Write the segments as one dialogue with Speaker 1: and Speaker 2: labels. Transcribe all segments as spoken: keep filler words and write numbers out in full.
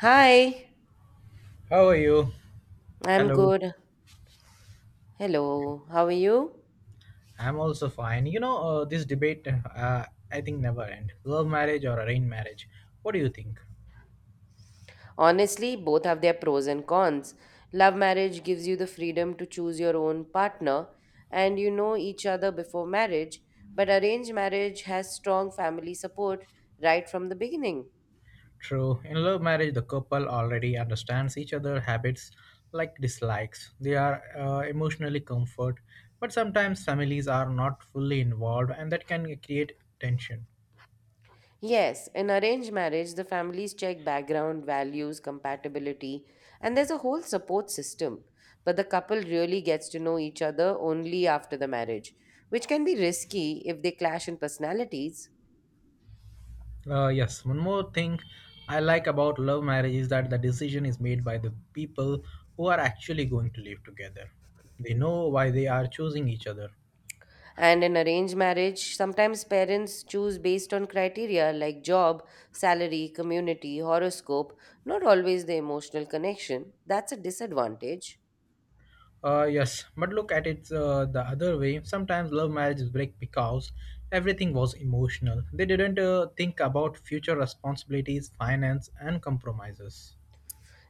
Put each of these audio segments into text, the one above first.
Speaker 1: Hi,
Speaker 2: How are you?
Speaker 1: I'm
Speaker 2: Hello.
Speaker 1: good. Hello, how are you?
Speaker 2: I'm also fine. You know, uh, this debate, uh, I think, never end. Love marriage or arranged marriage? What do you think?
Speaker 1: Honestly, both have their pros and cons. Love marriage gives you the freedom to choose your own partner and you know each other before marriage, but arranged marriage has strong family support right from the beginning.
Speaker 2: True. In love marriage, the couple already understands each other' habits, like dislikes. They are uh, emotionally comfort, but sometimes families are not fully involved, and that can create tension.
Speaker 1: Yes, in arranged marriage, the families check background, values, compatibility, and there's a whole support system. But the couple really gets to know each other only after the marriage, which can be risky if they clash in personalities.
Speaker 2: Uh, yes, one more thing I like about love marriage is that the decision is made by the people who are actually going to live together. They know why they are choosing each other.
Speaker 1: And in arranged marriage, sometimes parents choose based on criteria like job, salary, community, horoscope, not always the emotional connection. That's a disadvantage.
Speaker 2: Uh, yes, but look at it, uh, the other way. Sometimes love marriages break because everything was emotional. They didn't uh, think about future responsibilities, finance, and compromises.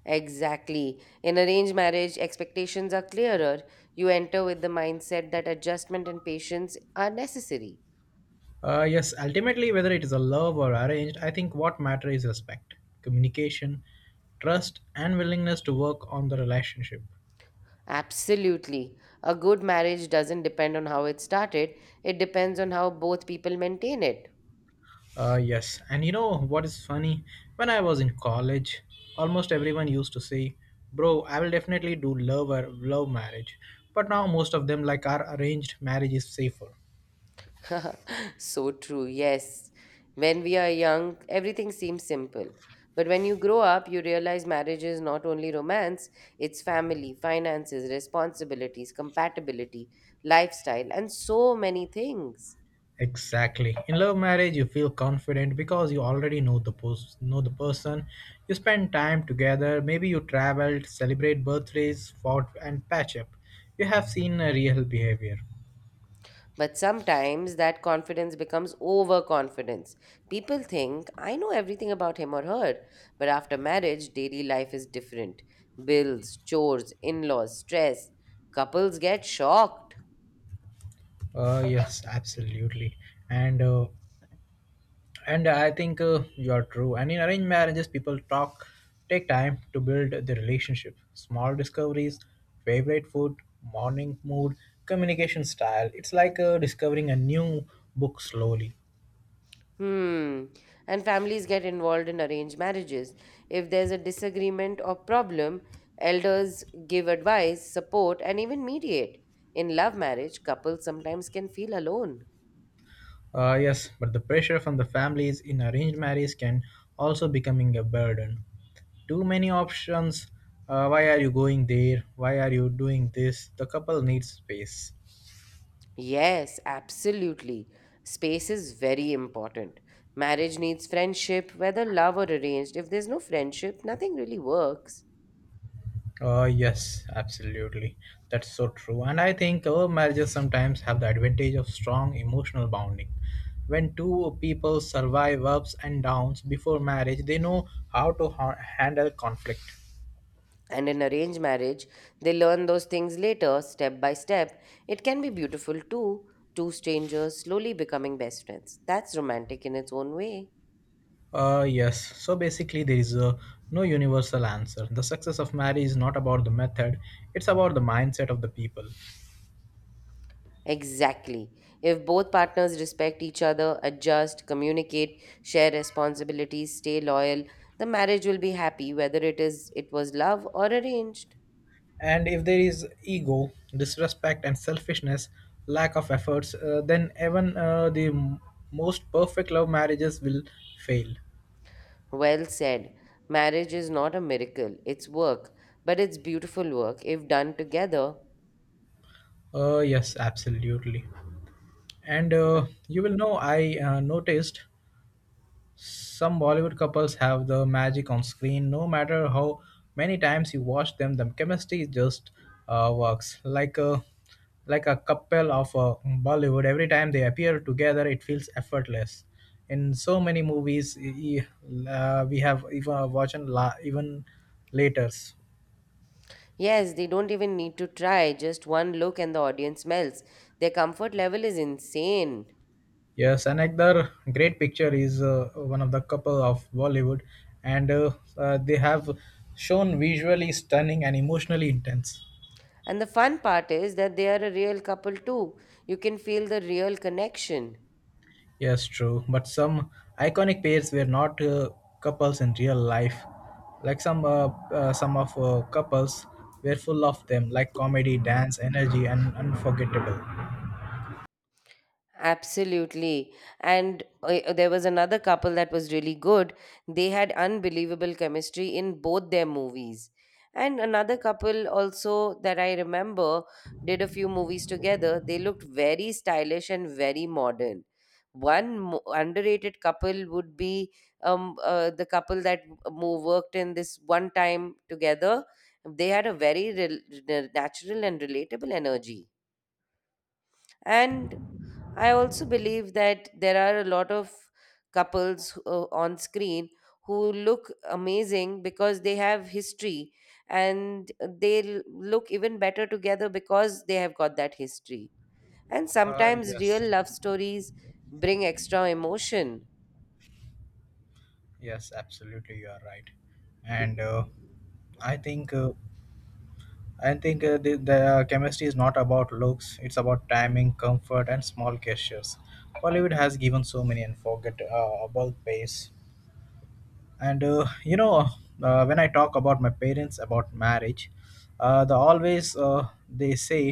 Speaker 1: Exactly. In arranged marriage, expectations are clearer. You enter with the mindset that adjustment and patience are necessary.
Speaker 2: Uh, yes, ultimately, whether it is a love or arranged, I think what matters is respect, communication, trust, and willingness to work on the relationship.
Speaker 1: Absolutely. A good marriage doesn't depend on how it started, it depends on how both people maintain it.
Speaker 2: Uh, yes, and you know what is funny? When I was in college, almost everyone used to say, "Bro, I will definitely do love or love marriage," but now most of them like our arranged marriage is safer.
Speaker 1: So true, yes. When we are young, everything seems simple. But when you grow up, you realize marriage is not only romance, it's family, finances, responsibilities, compatibility, lifestyle, and so many things.
Speaker 2: Exactly. In love marriage, you feel confident because you already know the pos- know the person. You spend time together. Maybe you traveled, celebrate birthdays, fought, and patch up. You have seen a real behavior.
Speaker 1: But sometimes that confidence becomes overconfidence. People think, I know everything about him or her. But after marriage, daily life is different bills, chores, in laws, stress. Couples get shocked.
Speaker 2: Uh, yes, absolutely. And uh, and I think, uh, you are true. And in arranged marriages, people talk, take time to build the relationship. Small discoveries, favorite food, morning mood, communication style. It's like uh, discovering a new book slowly.
Speaker 1: Hmm. And families get involved in arranged marriages. If there's a disagreement or problem, elders give advice, support, and even mediate. In love marriage, couples sometimes can feel alone.
Speaker 2: Uh, yes, but the pressure from the families in arranged marriage can also becoming a burden. Too many options. Uh, why are you going there? Why are you doing this? The couple needs space.
Speaker 1: Yes, absolutely. Space is very important. Marriage needs friendship, whether love or arranged. If there's no friendship, nothing really works.
Speaker 2: Uh, yes, absolutely. That's so true. And I think our marriages sometimes have the advantage of strong emotional bonding. When two people survive ups and downs before marriage, they know how to ha- handle conflict.
Speaker 1: And in arranged marriage, they learn those things later, step by step. It can be beautiful too. Two strangers slowly becoming best friends. That's romantic in its own way.
Speaker 2: Uh, yes. So basically, there is uh, no universal answer. The success of marriage is not about the method, it's about the mindset of the people.
Speaker 1: Exactly. If both partners respect each other, adjust, communicate, share responsibilities, stay loyal, the marriage will be happy whether it is it was love or arranged.
Speaker 2: And if there is ego, disrespect, and selfishness, lack of efforts, uh, then even uh, the m- most perfect love marriages will fail.
Speaker 1: Well said. Marriage is not a miracle, it's work, but it's beautiful work if done together.
Speaker 2: Uh, yes, absolutely. And uh, You will know, I uh, noticed some Bollywood couples have the magic on screen. No matter how many times you watch them, the chemistry just uh, works like a like a couple of uh, Bollywood. Every time they appear together, it feels effortless. In so many movies, e- e- uh, we have even watching la- even later.
Speaker 1: Yes, they don't even need to try, just one look and the audience melts. Their comfort level is insane.
Speaker 2: Yes, another great picture is uh, one of the couple of Bollywood, and uh, uh, they have shown visually stunning and emotionally intense.
Speaker 1: And the fun part is that they are a real couple too. You can feel the real connection.
Speaker 2: Yes, true. But some iconic pairs were not uh, couples in real life. Like some uh, uh, some of uh, couples were full of them, like comedy, dance, energy, and unforgettable.
Speaker 1: Absolutely. And uh, there was another couple that was really good. They had unbelievable chemistry in both their movies. And another couple also that I remember did a few movies together. They looked very stylish and very modern. One mo- underrated couple would be um, uh, the couple that uh, mo- worked in this one time together. They had a very rel- natural and relatable energy. And I also believe that there are a lot of couples uh, on screen who look amazing because they have history and they l- look even better together because they have got that history. And
Speaker 2: Uh,
Speaker 1: sometimes real
Speaker 2: yes,
Speaker 1: love stories bring extra emotion.
Speaker 2: yes, absolutely, you are right. And uh, I think uh, I think uh, the, the chemistry is not about looks; it's about timing, comfort, and small gestures. Bollywood has given so many unforgettable uh, pairs. And uh, you know uh, when I talk about my parents about marriage, uh, they always, uh, they say,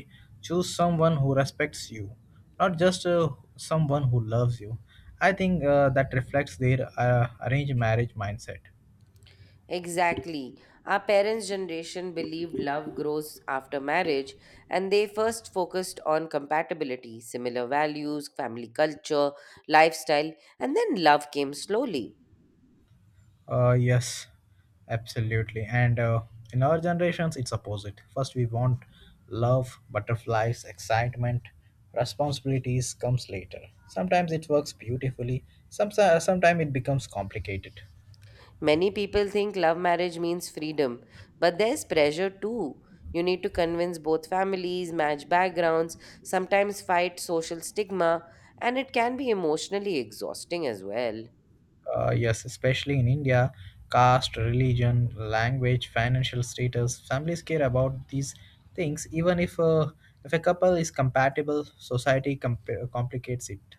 Speaker 2: choose someone who respects you, not just uh, someone who loves you. I think uh, that reflects their uh, arranged marriage mindset.
Speaker 1: Exactly. Our parents' generation believed love grows after marriage, and they first focused on compatibility, similar values, family culture, lifestyle, and then love came slowly.
Speaker 2: Uh, yes, absolutely. And uh, In our generations, it's opposite. First, we want love, butterflies, excitement. Responsibilities comes later. Sometimes it works beautifully. Some sometimes it becomes complicated.
Speaker 1: Many people think love marriage means freedom, but there's pressure too. You need to convince both families, match backgrounds, sometimes fight social stigma, and it can be emotionally exhausting as well.
Speaker 2: Uh, yes, especially in India, caste, religion, language, financial status. Families care about these things, even if a if a couple is compatible. Society comp- complicates it.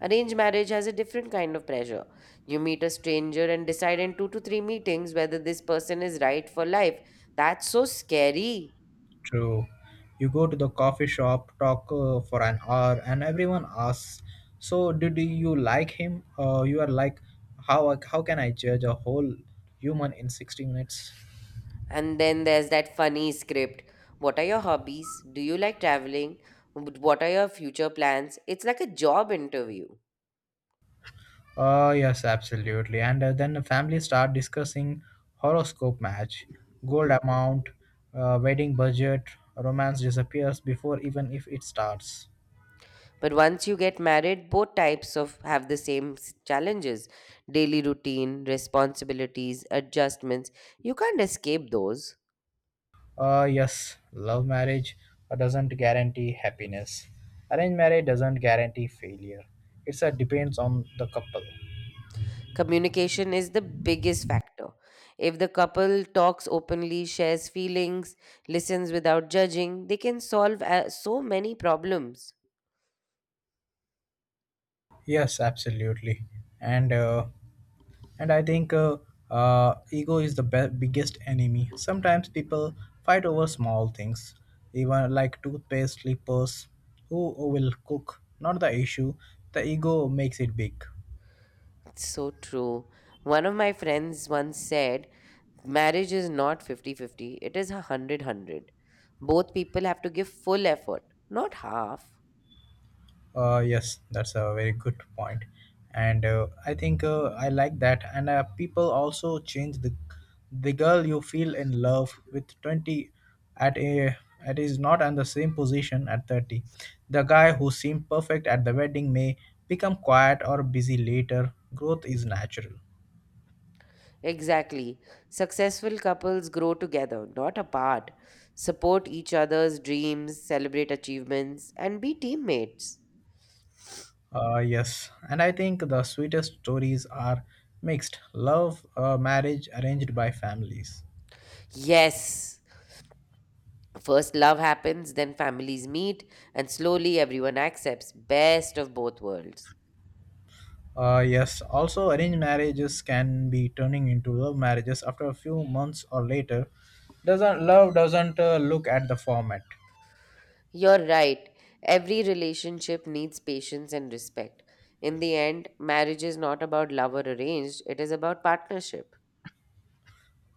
Speaker 1: Arranged marriage has a different kind of pressure. You meet a stranger and decide in two to three meetings whether this person is right for life. That's so scary.
Speaker 2: True. You go to the coffee shop, talk uh, for an hour, and everyone asks, "So, did you like him?" Uh, you are like, "How how can I judge a whole human in sixty minutes?"
Speaker 1: And then there's that funny script. What are your hobbies? Do you like traveling? What are your future plans? It's like a job interview.
Speaker 2: Oh yes, absolutely. And uh, Then the family start discussing horoscope match, gold amount, uh, wedding budget. Romance disappears before even if it starts.
Speaker 1: But once you get married, both types of have the same s- challenges. Daily routine, responsibilities, adjustments. You can't escape those.
Speaker 2: Uh, yes, love marriage uh, doesn't guarantee happiness. Arranged marriage doesn't guarantee failure. It's a depends on the couple.
Speaker 1: Communication is the biggest factor. If the couple talks openly, shares feelings, listens without judging, they can solve uh, so many problems.
Speaker 2: Yes, absolutely, and uh, and I think, uh, uh, ego is the be- biggest enemy. Sometimes people fight over small things, even like toothpaste, slippers, who will cook. Not the issue. The ego makes it big.
Speaker 1: So true. One of my friends once said, marriage is not fifty-fifty; it is 100 100. Both people have to give full effort, not half.
Speaker 2: Uh, yes, that's a very good point, and uh, I think, uh, I like that. And uh, people also change. The the girl you feel in love with twenty at a at is not in the same position at thirty. The guy who seemed perfect at the wedding may become quiet or busy later. Growth is natural.
Speaker 1: Exactly. Successful couples grow together, not apart, support each other's dreams, celebrate achievements, and be teammates.
Speaker 2: Uh, yes, and I think the sweetest stories are mixed love, uh, marriage arranged by families.
Speaker 1: Yes. First love happens, then families meet, and slowly everyone accepts best of both worlds.
Speaker 2: Uh, yes, also arranged marriages can be turning into love marriages after a few months or later. Doesn't love doesn't uh, look at the format.
Speaker 1: You're right. Every relationship needs patience and respect. In the end, marriage is not about love or arranged, it is about partnership.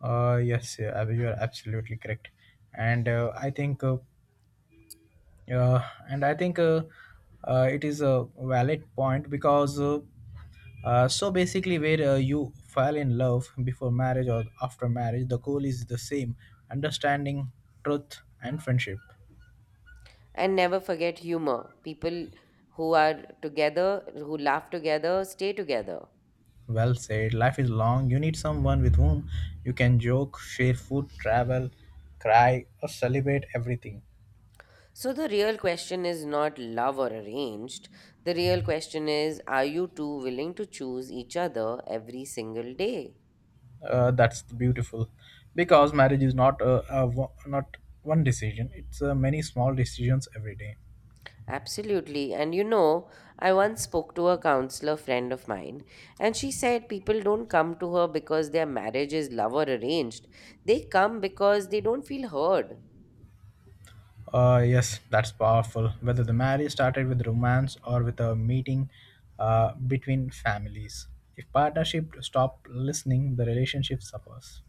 Speaker 2: Uh, yes, yeah, Abhi, you are absolutely correct, and uh, I think, uh, uh, and I think uh, uh, it is a valid point because uh, uh, so basically, where uh, you fall in love before marriage or after marriage, the goal is the same: understanding, truth, and friendship.
Speaker 1: And never forget humor. People who are together, who laugh together, stay together.
Speaker 2: Well said. Life is long. You need someone with whom you can joke, share food, travel, cry, or celebrate everything.
Speaker 1: So the real question is not love or arranged. The real question is are you two willing to choose each other every single day?
Speaker 2: Uh, that's beautiful, because marriage is not a, a wo- not one decision. It's uh, many small decisions every day.
Speaker 1: Absolutely. And you know, I once spoke to a counselor friend of mine, and she said people don't come to her because their marriage is love or arranged. They come because they don't feel heard.
Speaker 2: Uh, yes, that's powerful. Whether the marriage started with romance or with a meeting uh, between families, if partnership stop listening, the relationship suffers.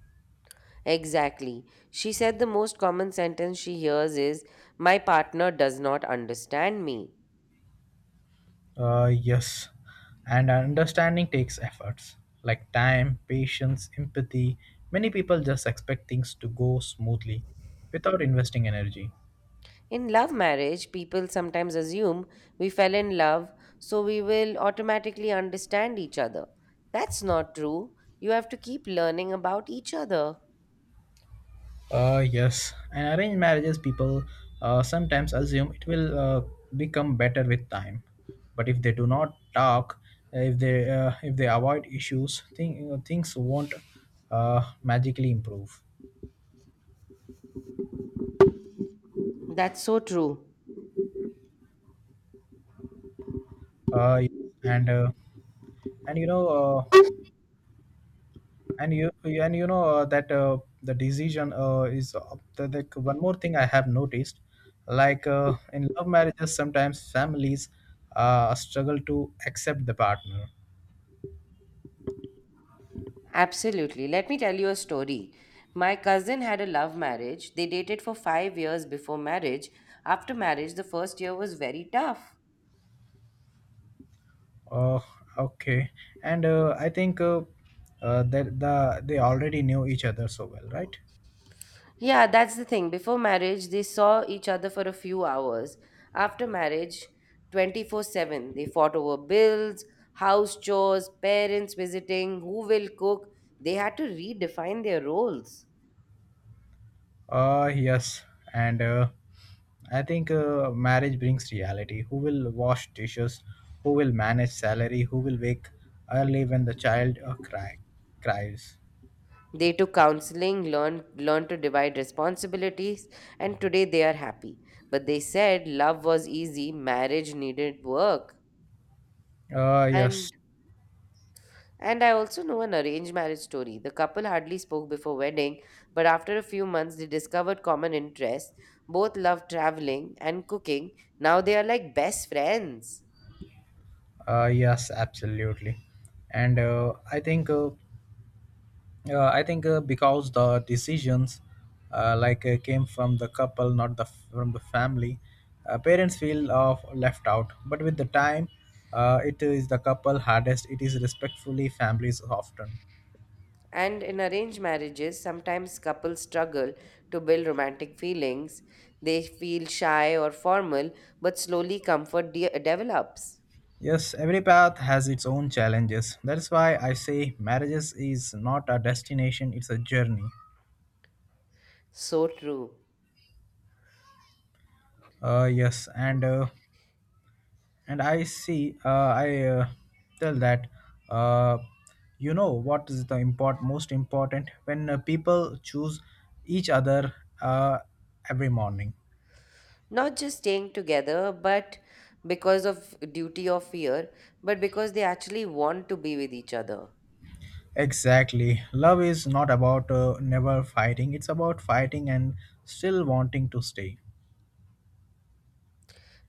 Speaker 1: Exactly. She said the most common sentence she hears is, my partner does not understand me.
Speaker 2: Uh, yes, and understanding takes efforts, like time, patience, empathy. Many people just expect things to go smoothly without investing energy.
Speaker 1: In love marriage, people sometimes assume we fell in love, so we will automatically understand each other. That's not true. You have to keep learning about each other.
Speaker 2: Uh, yes, and arranged marriages people uh, sometimes assume it will uh, become better with time, but if they do not talk, uh, if they uh, if they avoid issues, thing, things won't uh, magically improve.
Speaker 1: That's so true.
Speaker 2: Uh, and uh, and you know uh, and you and you know uh, that uh, the decision uh, is uh, the, the one more thing I have noticed, like uh, in love marriages sometimes families uh, struggle to accept the partner.
Speaker 1: Absolutely. Let me tell you a story. My cousin had a love marriage. They dated for five years before marriage. After marriage, the first year was very tough.
Speaker 2: Oh, okay. And uh, I think, uh, uh, that the they already knew each other so well, right?
Speaker 1: Yeah, that's the thing. Before marriage, they saw each other for a few hours. After marriage, twenty-four seven, they fought over bills, house chores, parents visiting, who will cook. They had to redefine their roles.
Speaker 2: Uh yes. And uh, I think, uh, marriage brings reality. Who will wash dishes? Who will manage salary? Who will wake early when the child uh, cry cries?
Speaker 1: They took counseling, learned learned to divide responsibilities, and today they are happy. But they said love was easy, marriage needed work.
Speaker 2: Uh, yes,
Speaker 1: And And I also know an arranged marriage story. The couple hardly spoke before wedding, but after a few months they discovered common interests. Both loved traveling and cooking. Now they are like best friends.
Speaker 2: uh, yes, absolutely, and uh, I think, uh, uh, I think uh, because the decisions, uh, like uh, came from the couple, not the from the family. Uh, parents feel uh, left out. But with the time, uh, it is the couple hardest. It is respectfully families often.
Speaker 1: And in arranged marriages, sometimes couples struggle to build romantic feelings. They feel shy or formal, but slowly comfort de- develops.
Speaker 2: Yes, every path has its own challenges. That's why I say marriages is not a destination; it's a journey.
Speaker 1: So true.
Speaker 2: Uh, yes. And uh, and i see uh, i uh, tell that, uh, you know what is the import most important when uh, people choose each other uh, every morning.
Speaker 1: Not just staying together, but because of duty or fear, but because they actually want to be with each other.
Speaker 2: Exactly. Love is not about uh, never fighting. It's about fighting and still wanting to stay.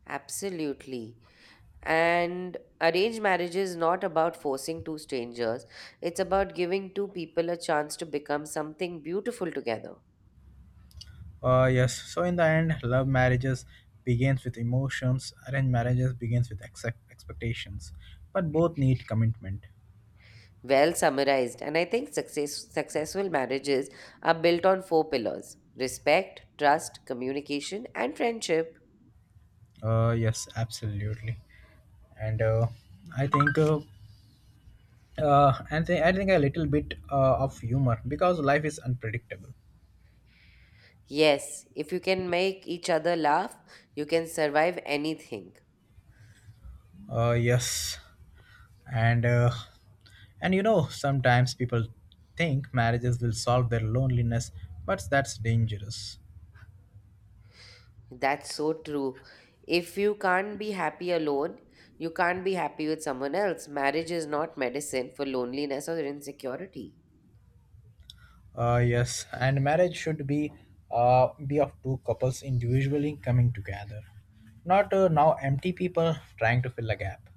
Speaker 1: Absolutely. And arranged marriage is not about forcing two strangers, it's about giving two people a chance to become something beautiful together.
Speaker 2: uh, Yes. So in the end, love marriages begins with emotions, arranged marriages begins with ex- expectations, but both need commitment.
Speaker 1: Well summarized, and I think success, successful marriages are built on four pillars respect, trust, communication, and friendship.
Speaker 2: Uh, yes, absolutely. And uh, I think uh, uh, and th- I think a little bit uh, of humor, because life is unpredictable.
Speaker 1: Yes, if you can make each other laugh, you can survive anything.
Speaker 2: Uh, yes. And uh, and you know, sometimes people think marriages will solve their loneliness, but that's dangerous.
Speaker 1: That's so true. If you can't be happy alone, you can't be happy with someone else. Marriage is not medicine for loneliness or insecurity.
Speaker 2: Uh, yes. And marriage should be uh, be of two couples individually coming together, not uh, now empty people trying to fill a gap.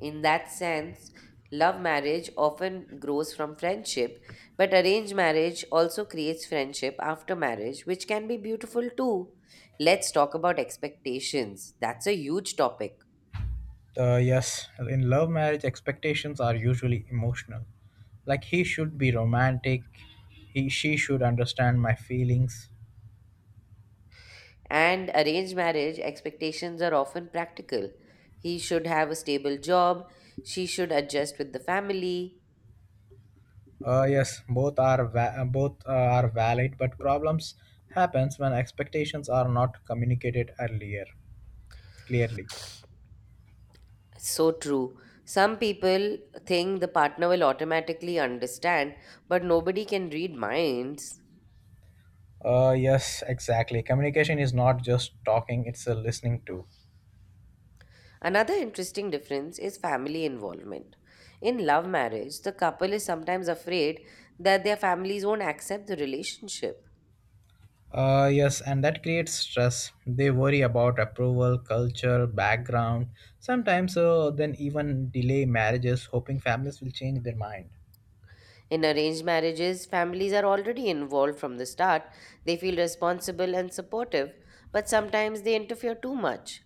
Speaker 1: In that sense, love marriage often grows from friendship, but arranged marriage also creates friendship after marriage, which can be beautiful too. Let's talk about expectations. That's a huge topic.
Speaker 2: Uh, yes, in love marriage, expectations are usually emotional. Like he should be romantic, he she should understand my feelings.
Speaker 1: And arranged marriage expectations are often practical. He should have a stable job, she should adjust with the family.
Speaker 2: Uh, yes, both are va- both uh, are valid, but problems happens when expectations are not communicated earlier clearly.
Speaker 1: So true. Some people think the partner will automatically understand, but nobody can read minds.
Speaker 2: Uh, yes, exactly. Communication is not just talking; it's a listening too.
Speaker 1: Another interesting difference is family involvement. In love marriage, the couple is sometimes afraid that their families won't accept the relationship.
Speaker 2: Uh, yes, and that creates stress. They worry about approval, culture, background, sometimes uh, then even delay marriages, hoping families will change their mind.
Speaker 1: In arranged marriages, families are already involved from the start. They feel responsible and supportive, but sometimes they interfere too much.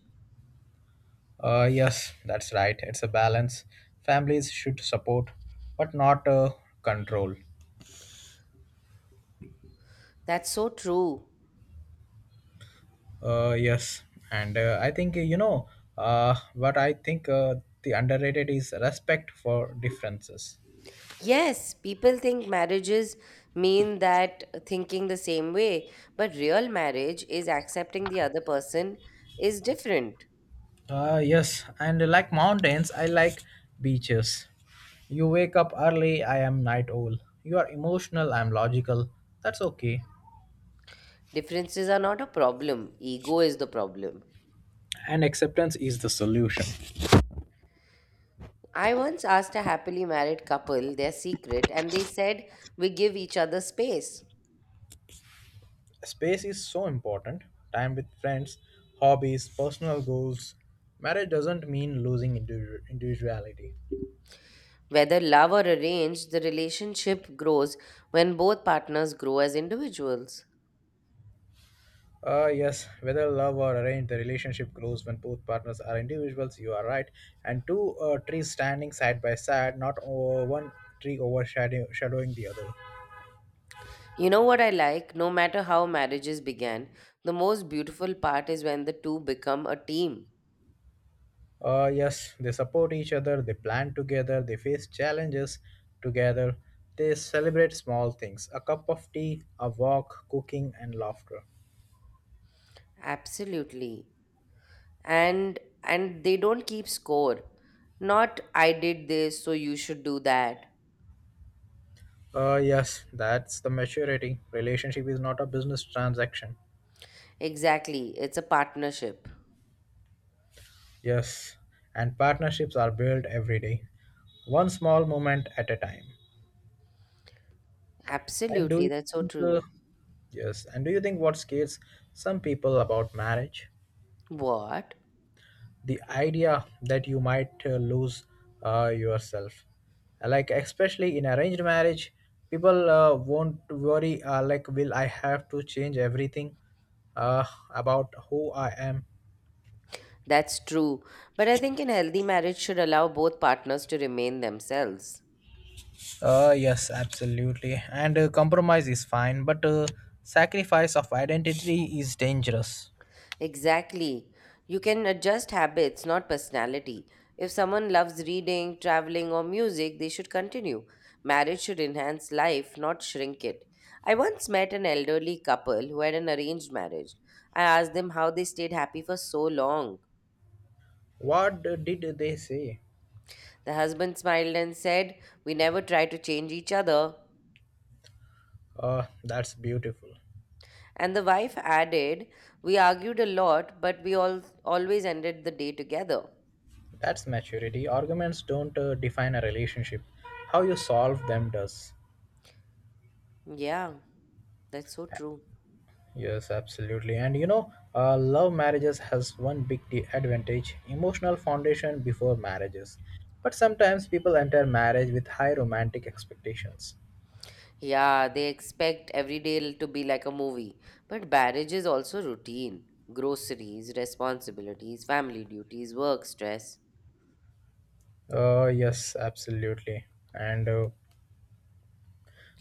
Speaker 2: Uh, yes, that's right. It's a balance. Families should support, but not uh, control.
Speaker 1: That's so true.
Speaker 2: Uh, yes. And uh, I think, you know uh, what I think uh, the underrated is respect for differences.
Speaker 1: Yes, people think marriages mean that thinking the same way, but real marriage is accepting the other person is different.
Speaker 2: Uh, yes, and like mountains, I like beaches. You wake up early, I am night owl. You are emotional, I am logical. That's okay.
Speaker 1: Differences are not a problem, ego is the problem.
Speaker 2: And acceptance is the solution.
Speaker 1: I once asked a happily married couple their secret, and they said, we give each other space.
Speaker 2: Space is so important. Time with friends, hobbies, personal goals. Marriage doesn't mean losing individu- individuality.
Speaker 1: Whether love or arranged, the relationship grows when both partners grow as individuals.
Speaker 2: Uh, yes, whether love or arranged, the relationship grows when both partners are individuals. You are right. And two uh, trees standing side by side, not over one tree overshadowing the other.
Speaker 1: You know what I like? No matter how marriages began, the most beautiful part is when the two become a team.
Speaker 2: Uh, yes, they support each other, they plan together, they face challenges together, they celebrate small things: a cup of tea, a walk, cooking, and laughter.
Speaker 1: Absolutely. And and they don't keep score. Not I did this, so you should do that.
Speaker 2: Uh, yes, that's the maturity. Relationship is not a business transaction.
Speaker 1: Exactly. It's a partnership.
Speaker 2: Yes, and partnerships are built every day, one small moment at a time. And do
Speaker 1: Absolutely,
Speaker 2: you
Speaker 1: that's so
Speaker 2: think, uh,
Speaker 1: true.
Speaker 2: yes, and do you think what scares some people about marriage?
Speaker 1: What?
Speaker 2: The idea that you might uh, lose uh, yourself. Like, especially in arranged marriage, people uh, won't worry, uh, like, will I have to change everything uh, about who I am.
Speaker 1: That's true. But I think an healthy marriage should allow both partners to remain themselves.
Speaker 2: Uh, yes, absolutely. And uh, compromise is fine, but uh, sacrifice of identity is dangerous.
Speaker 1: Exactly. You can adjust habits, not personality. If someone loves reading, traveling, or music, they should continue. Marriage should enhance life, not shrink it. I once met an elderly couple who had an arranged marriage. I asked them how they stayed happy for so long.
Speaker 2: What uh, did they say?
Speaker 1: The husband smiled and said, we never try to change each other.
Speaker 2: Uh, that's beautiful.
Speaker 1: And the wife added, we argued a lot, but we all always ended the day together.
Speaker 2: That's maturity. Arguments don't uh, define a relationship, how you solve them does.
Speaker 1: Yeah, that's so true.
Speaker 2: Yes, absolutely. And you know, uh, love marriages has one big de- advantage: emotional foundation before marriages. But sometimes people enter marriage with high romantic expectations.
Speaker 1: Yeah, they expect every day to be like a movie. But marriage is also routine groceries, responsibilities, family duties, work stress.
Speaker 2: Uh, yes, absolutely. And uh,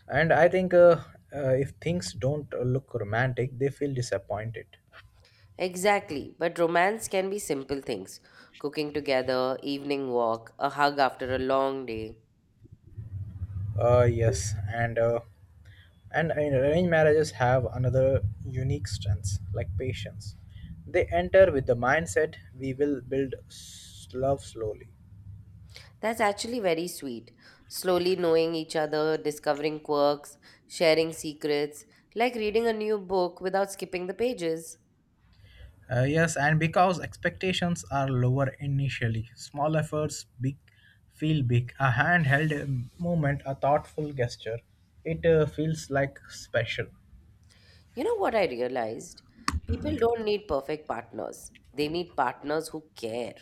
Speaker 2: And I think uh, uh, if things don't uh, look romantic, they feel disappointed.
Speaker 1: Exactly, but romance can be simple things cooking together, evening walk, a hug after a long day.
Speaker 2: Uh, yes, and uh, and uh, arranged marriages have another unique strength, like patience. They enter with the mindset: we will build s- love slowly.
Speaker 1: That's actually very sweet. Slowly knowing each other, discovering quirks, sharing secrets, like reading a new book without skipping the pages.
Speaker 2: Uh, yes, and because expectations are lower initially, small efforts big feel big. A handheld um, movement, a thoughtful gesture, it uh, feels like special.
Speaker 1: You know what I realized? People don't need perfect partners. They need partners who care.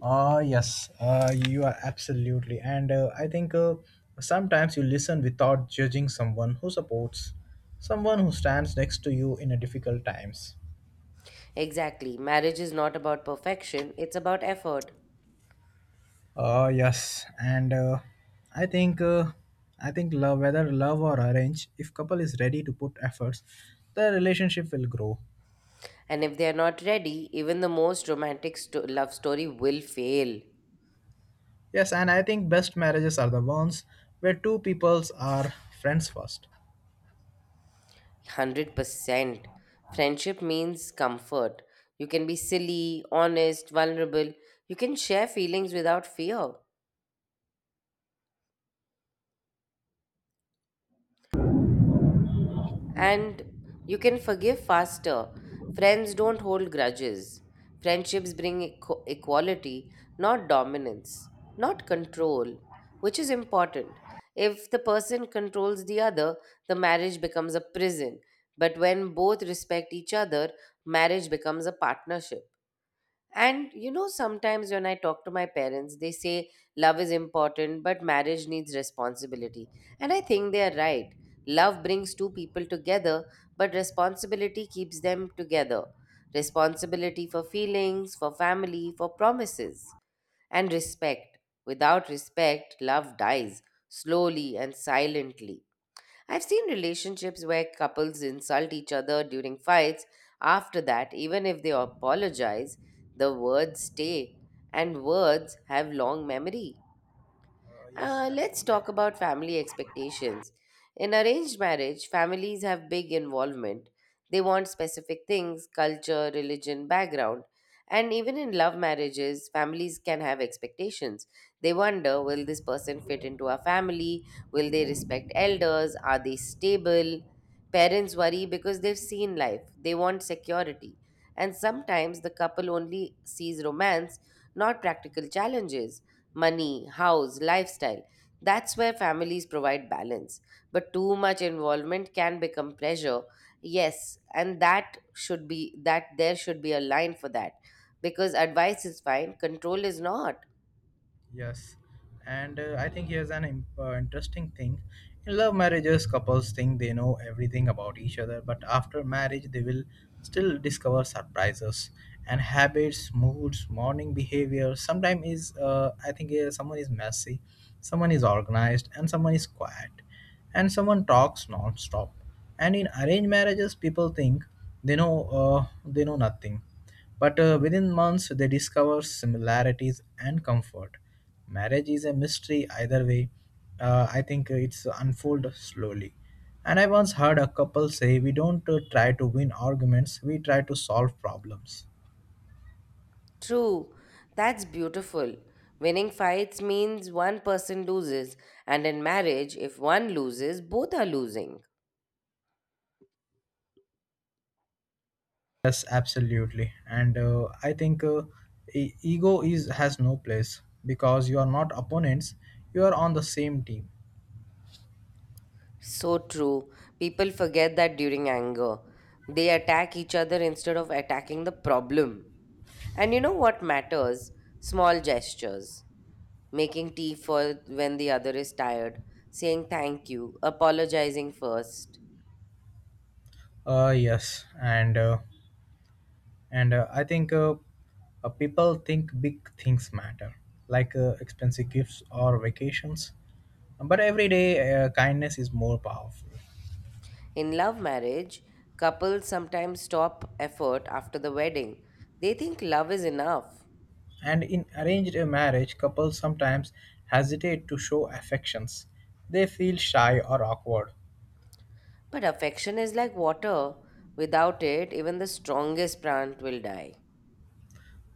Speaker 2: Ah, yes, uh, you are absolutely. And uh, I think uh, sometimes you listen without judging, someone who supports, someone who stands next to you in a difficult times.
Speaker 1: Exactly. Marriage is not about perfection, it's about effort.
Speaker 2: Ah, yes, and uh, I think uh, I think love, whether love or arrange, if couple is ready to put efforts, the relationship will grow.
Speaker 1: And if they are not ready, even the most romantic sto- love story will fail.
Speaker 2: Yes, and I think best marriages are the ones where two peoples are friends first.
Speaker 1: one hundred percent. Friendship means comfort. You can be silly, honest, vulnerable. You can share feelings without fear. And you can forgive faster. Friends don't hold grudges. Friendships bring equ- equality, not dominance, not control, which is important. If the person controls the other, the marriage becomes a prison. But when both respect each other, marriage becomes a partnership. And you know, sometimes when I talk to my parents, they say love is important, but marriage needs responsibility. And I think they are right. Love brings two people together, but responsibility keeps them together. Responsibility for feelings, for family, for promises, and respect. Without respect, love dies slowly and silently. I've seen relationships where couples insult each other during fights. After that, even if they apologize, the words stay, and words have long memory.
Speaker 2: Uh, yes,
Speaker 1: Uh, let's
Speaker 2: absolutely.
Speaker 1: talk about family expectations. In arranged marriage, families have big involvement. They want specific things, culture, religion, background. And even in love marriages, families can have expectations. They wonder, will this person fit into our family? Will they respect elders? Are they stable? Parents worry because they've seen life, they want security. And sometimes the couple only sees romance, not practical challenges, money, house, lifestyle. That's where families provide balance. But too much involvement can become pressure. Yes, and that should be that there should be a line for that because advice is fine, control is not.
Speaker 2: Yes, and uh, I think here's an im- uh, interesting thing. In love marriages, couples think they know everything about each other, but after marriage, they will still discover surprises and habits, moods, morning behavior. Sometimes is uh, I think uh, someone is messy, someone is organized, and someone is quiet and someone talks non-stop, and in arranged marriages people think they know, uh, they know nothing, but uh, within months they discover similarities and comfort. Marriage is a mystery either way. Uh, i think it's unfold slowly, and I once heard a couple say: we don't uh, try to win arguments, we try to solve problems.
Speaker 1: True. That's beautiful. Winning fights means one person loses, and in marriage, if one loses, both are losing.
Speaker 2: Yes, absolutely. And uh, I think uh, e- ego is has no place because you are not opponents. You are on the same team.
Speaker 1: So true. People forget that during anger. They attack each other instead of attacking the problem. And you know what matters? Small gestures. Making tea for when the other is tired, saying thank you, apologizing first.
Speaker 2: Uh, yes, and uh, and uh, I think uh, uh, people think big things matter, like uh, expensive gifts or vacations. But every day, uh, kindness is more powerful.
Speaker 1: In love marriage, couples sometimes stop effort after the wedding. They think love is enough.
Speaker 2: And in arranged uh, marriage, couples sometimes hesitate to show affections. They feel shy or awkward.
Speaker 1: But affection is like water. Without it, even the strongest plant will die.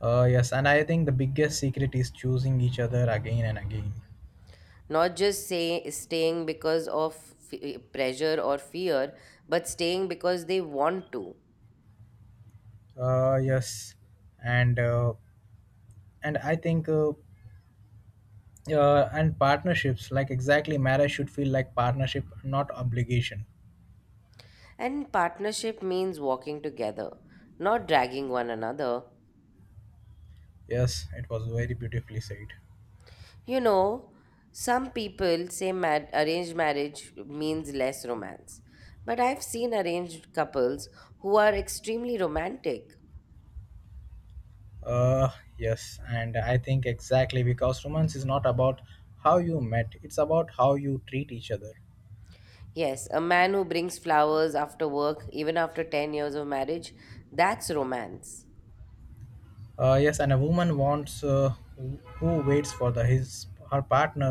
Speaker 2: Uh, yes, and I think the biggest secret is choosing each other again and again.
Speaker 1: Not just say, staying because of f- pressure or fear, but staying because they want to.
Speaker 2: Uh, yes, and uh, and I think uh, uh, and partnerships, like exactly, marriage should feel like partnership, not obligation.
Speaker 1: And partnership means walking together, not dragging one another.
Speaker 2: Yes, it was very beautifully said.
Speaker 1: You know, some people say ma- arranged marriage means less romance. But I've seen arranged couples who are extremely romantic.
Speaker 2: Uh, yes, and I think exactly because romance is not about how you met; it's about how you treat each other.
Speaker 1: Yes, a man who brings flowers after work, even after ten years of marriage, that's romance.
Speaker 2: Uh, yes, and a woman wants, uh, who who waits for the his her partner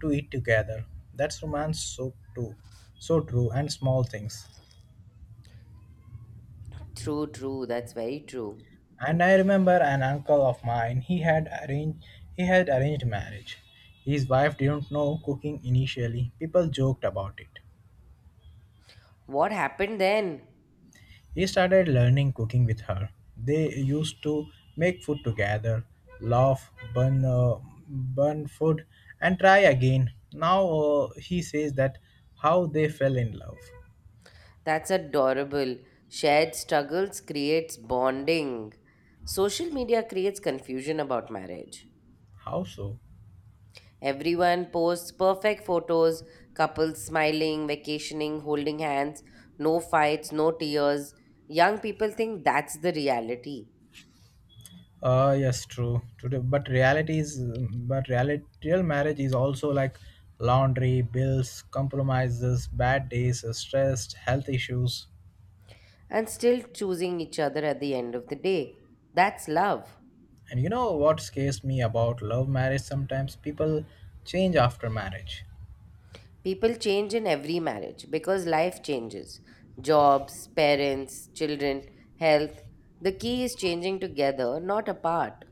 Speaker 2: to eat together. That's romance, so true, so true, and small things.
Speaker 1: True, true, that's very true.
Speaker 2: And I remember an uncle of mine. He had arranged he had arranged marriage. His wife didn't know cooking initially. People joked about it.
Speaker 1: What happened then?
Speaker 2: He started learning cooking with her. They used to make food together, laugh, burn, uh, burn food, and try again. Now uh, he says that how they fell in love.
Speaker 1: That's adorable. Shared struggles creates bonding. Social media creates confusion about marriage.
Speaker 2: How so?
Speaker 1: Everyone posts perfect photos, couples smiling, vacationing, holding hands, no fights, no tears. Young people think that's the reality
Speaker 2: Uh, yes, true. Today, but reality is, but reality, real marriage is also like laundry, bills, compromises, bad days, stress, health issues.
Speaker 1: and still choosing each other at the end of the day. That's love.
Speaker 2: And you know what scares me about love marriage? Sometimes people change after marriage.
Speaker 1: People change in every marriage because life changes, jobs, parents, children, health. The key is changing together, not apart.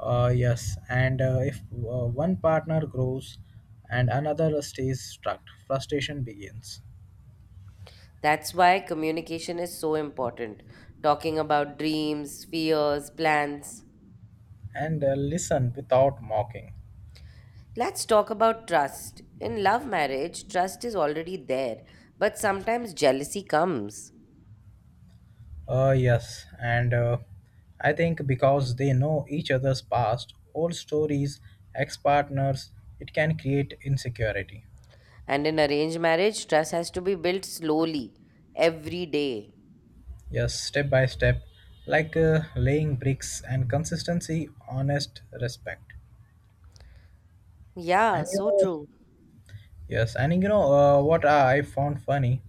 Speaker 2: Uh, yes, and uh, if uh, one partner grows and another stays stuck, frustration begins.
Speaker 1: That's why communication is so important. Talking about dreams, fears, plans.
Speaker 2: And uh, listen without mocking.
Speaker 1: Let's talk about trust. In love marriage, trust is already there, but sometimes jealousy comes.
Speaker 2: Uh, yes, and uh, I think because they know each other's past, old stories, ex partners, it can create insecurity.
Speaker 1: And in arranged marriage, trust has to be built slowly, every day.
Speaker 2: Yes, step by step, like uh, laying bricks, and consistency, honest respect.
Speaker 1: Yeah,
Speaker 2: And you
Speaker 1: so
Speaker 2: know,
Speaker 1: true.
Speaker 2: yes, and you know uh, what I found funny?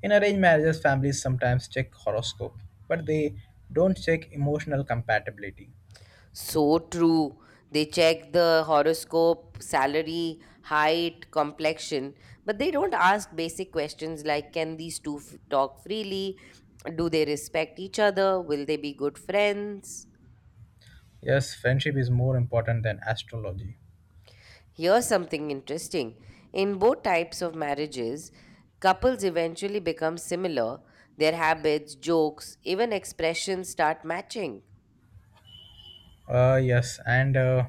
Speaker 2: In arranged marriages, families sometimes check horoscope, but they don't check emotional compatibility.
Speaker 1: So true. They check the horoscope, salary, height, complexion, but they don't ask basic questions like, can these two f- talk freely? Do they respect each other? Will they be good friends?
Speaker 2: Yes, friendship is more important than astrology.
Speaker 1: Here's something interesting. In both types of marriages, couples eventually become similar. Their habits, jokes, even expressions start matching.
Speaker 2: Uh, yes, and uh,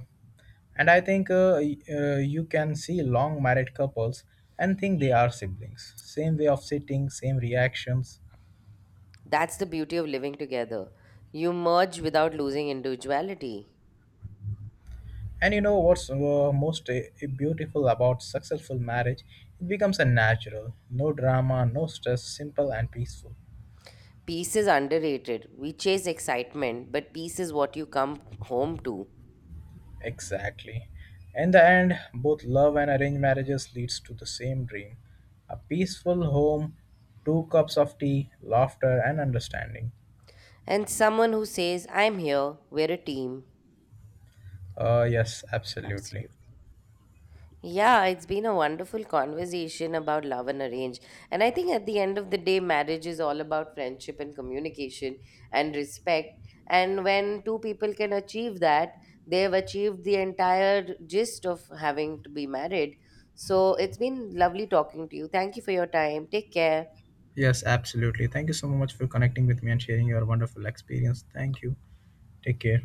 Speaker 2: and I think uh, y- uh, you can see long married couples and think they are siblings. Same way of sitting, same reactions.
Speaker 1: That's the beauty of living together. You merge without losing individuality.
Speaker 2: And you know what's uh, most uh, beautiful about successful marriage? It becomes a natural, no drama, no stress, simple and peaceful.
Speaker 1: Peace is underrated. We chase excitement, but peace is what you come home to.
Speaker 2: Exactly. In the end, both love and arranged marriages leads to the same dream. A peaceful home, two cups of tea, laughter and understanding.
Speaker 1: And someone who says, I'm here, we're a team.
Speaker 2: Uh yes, absolutely.
Speaker 1: Absolutely. Yeah, it's been a wonderful conversation about love and arrange. And I think at the end of the day, marriage is all about friendship and communication and respect. And when two people can achieve that, they've achieved the entire gist of having to be married. So it's been lovely talking to you. Thank you for your time. Take care.
Speaker 2: Yes, absolutely. Thank you so much for connecting with me and sharing your wonderful experience. Thank you. Take care.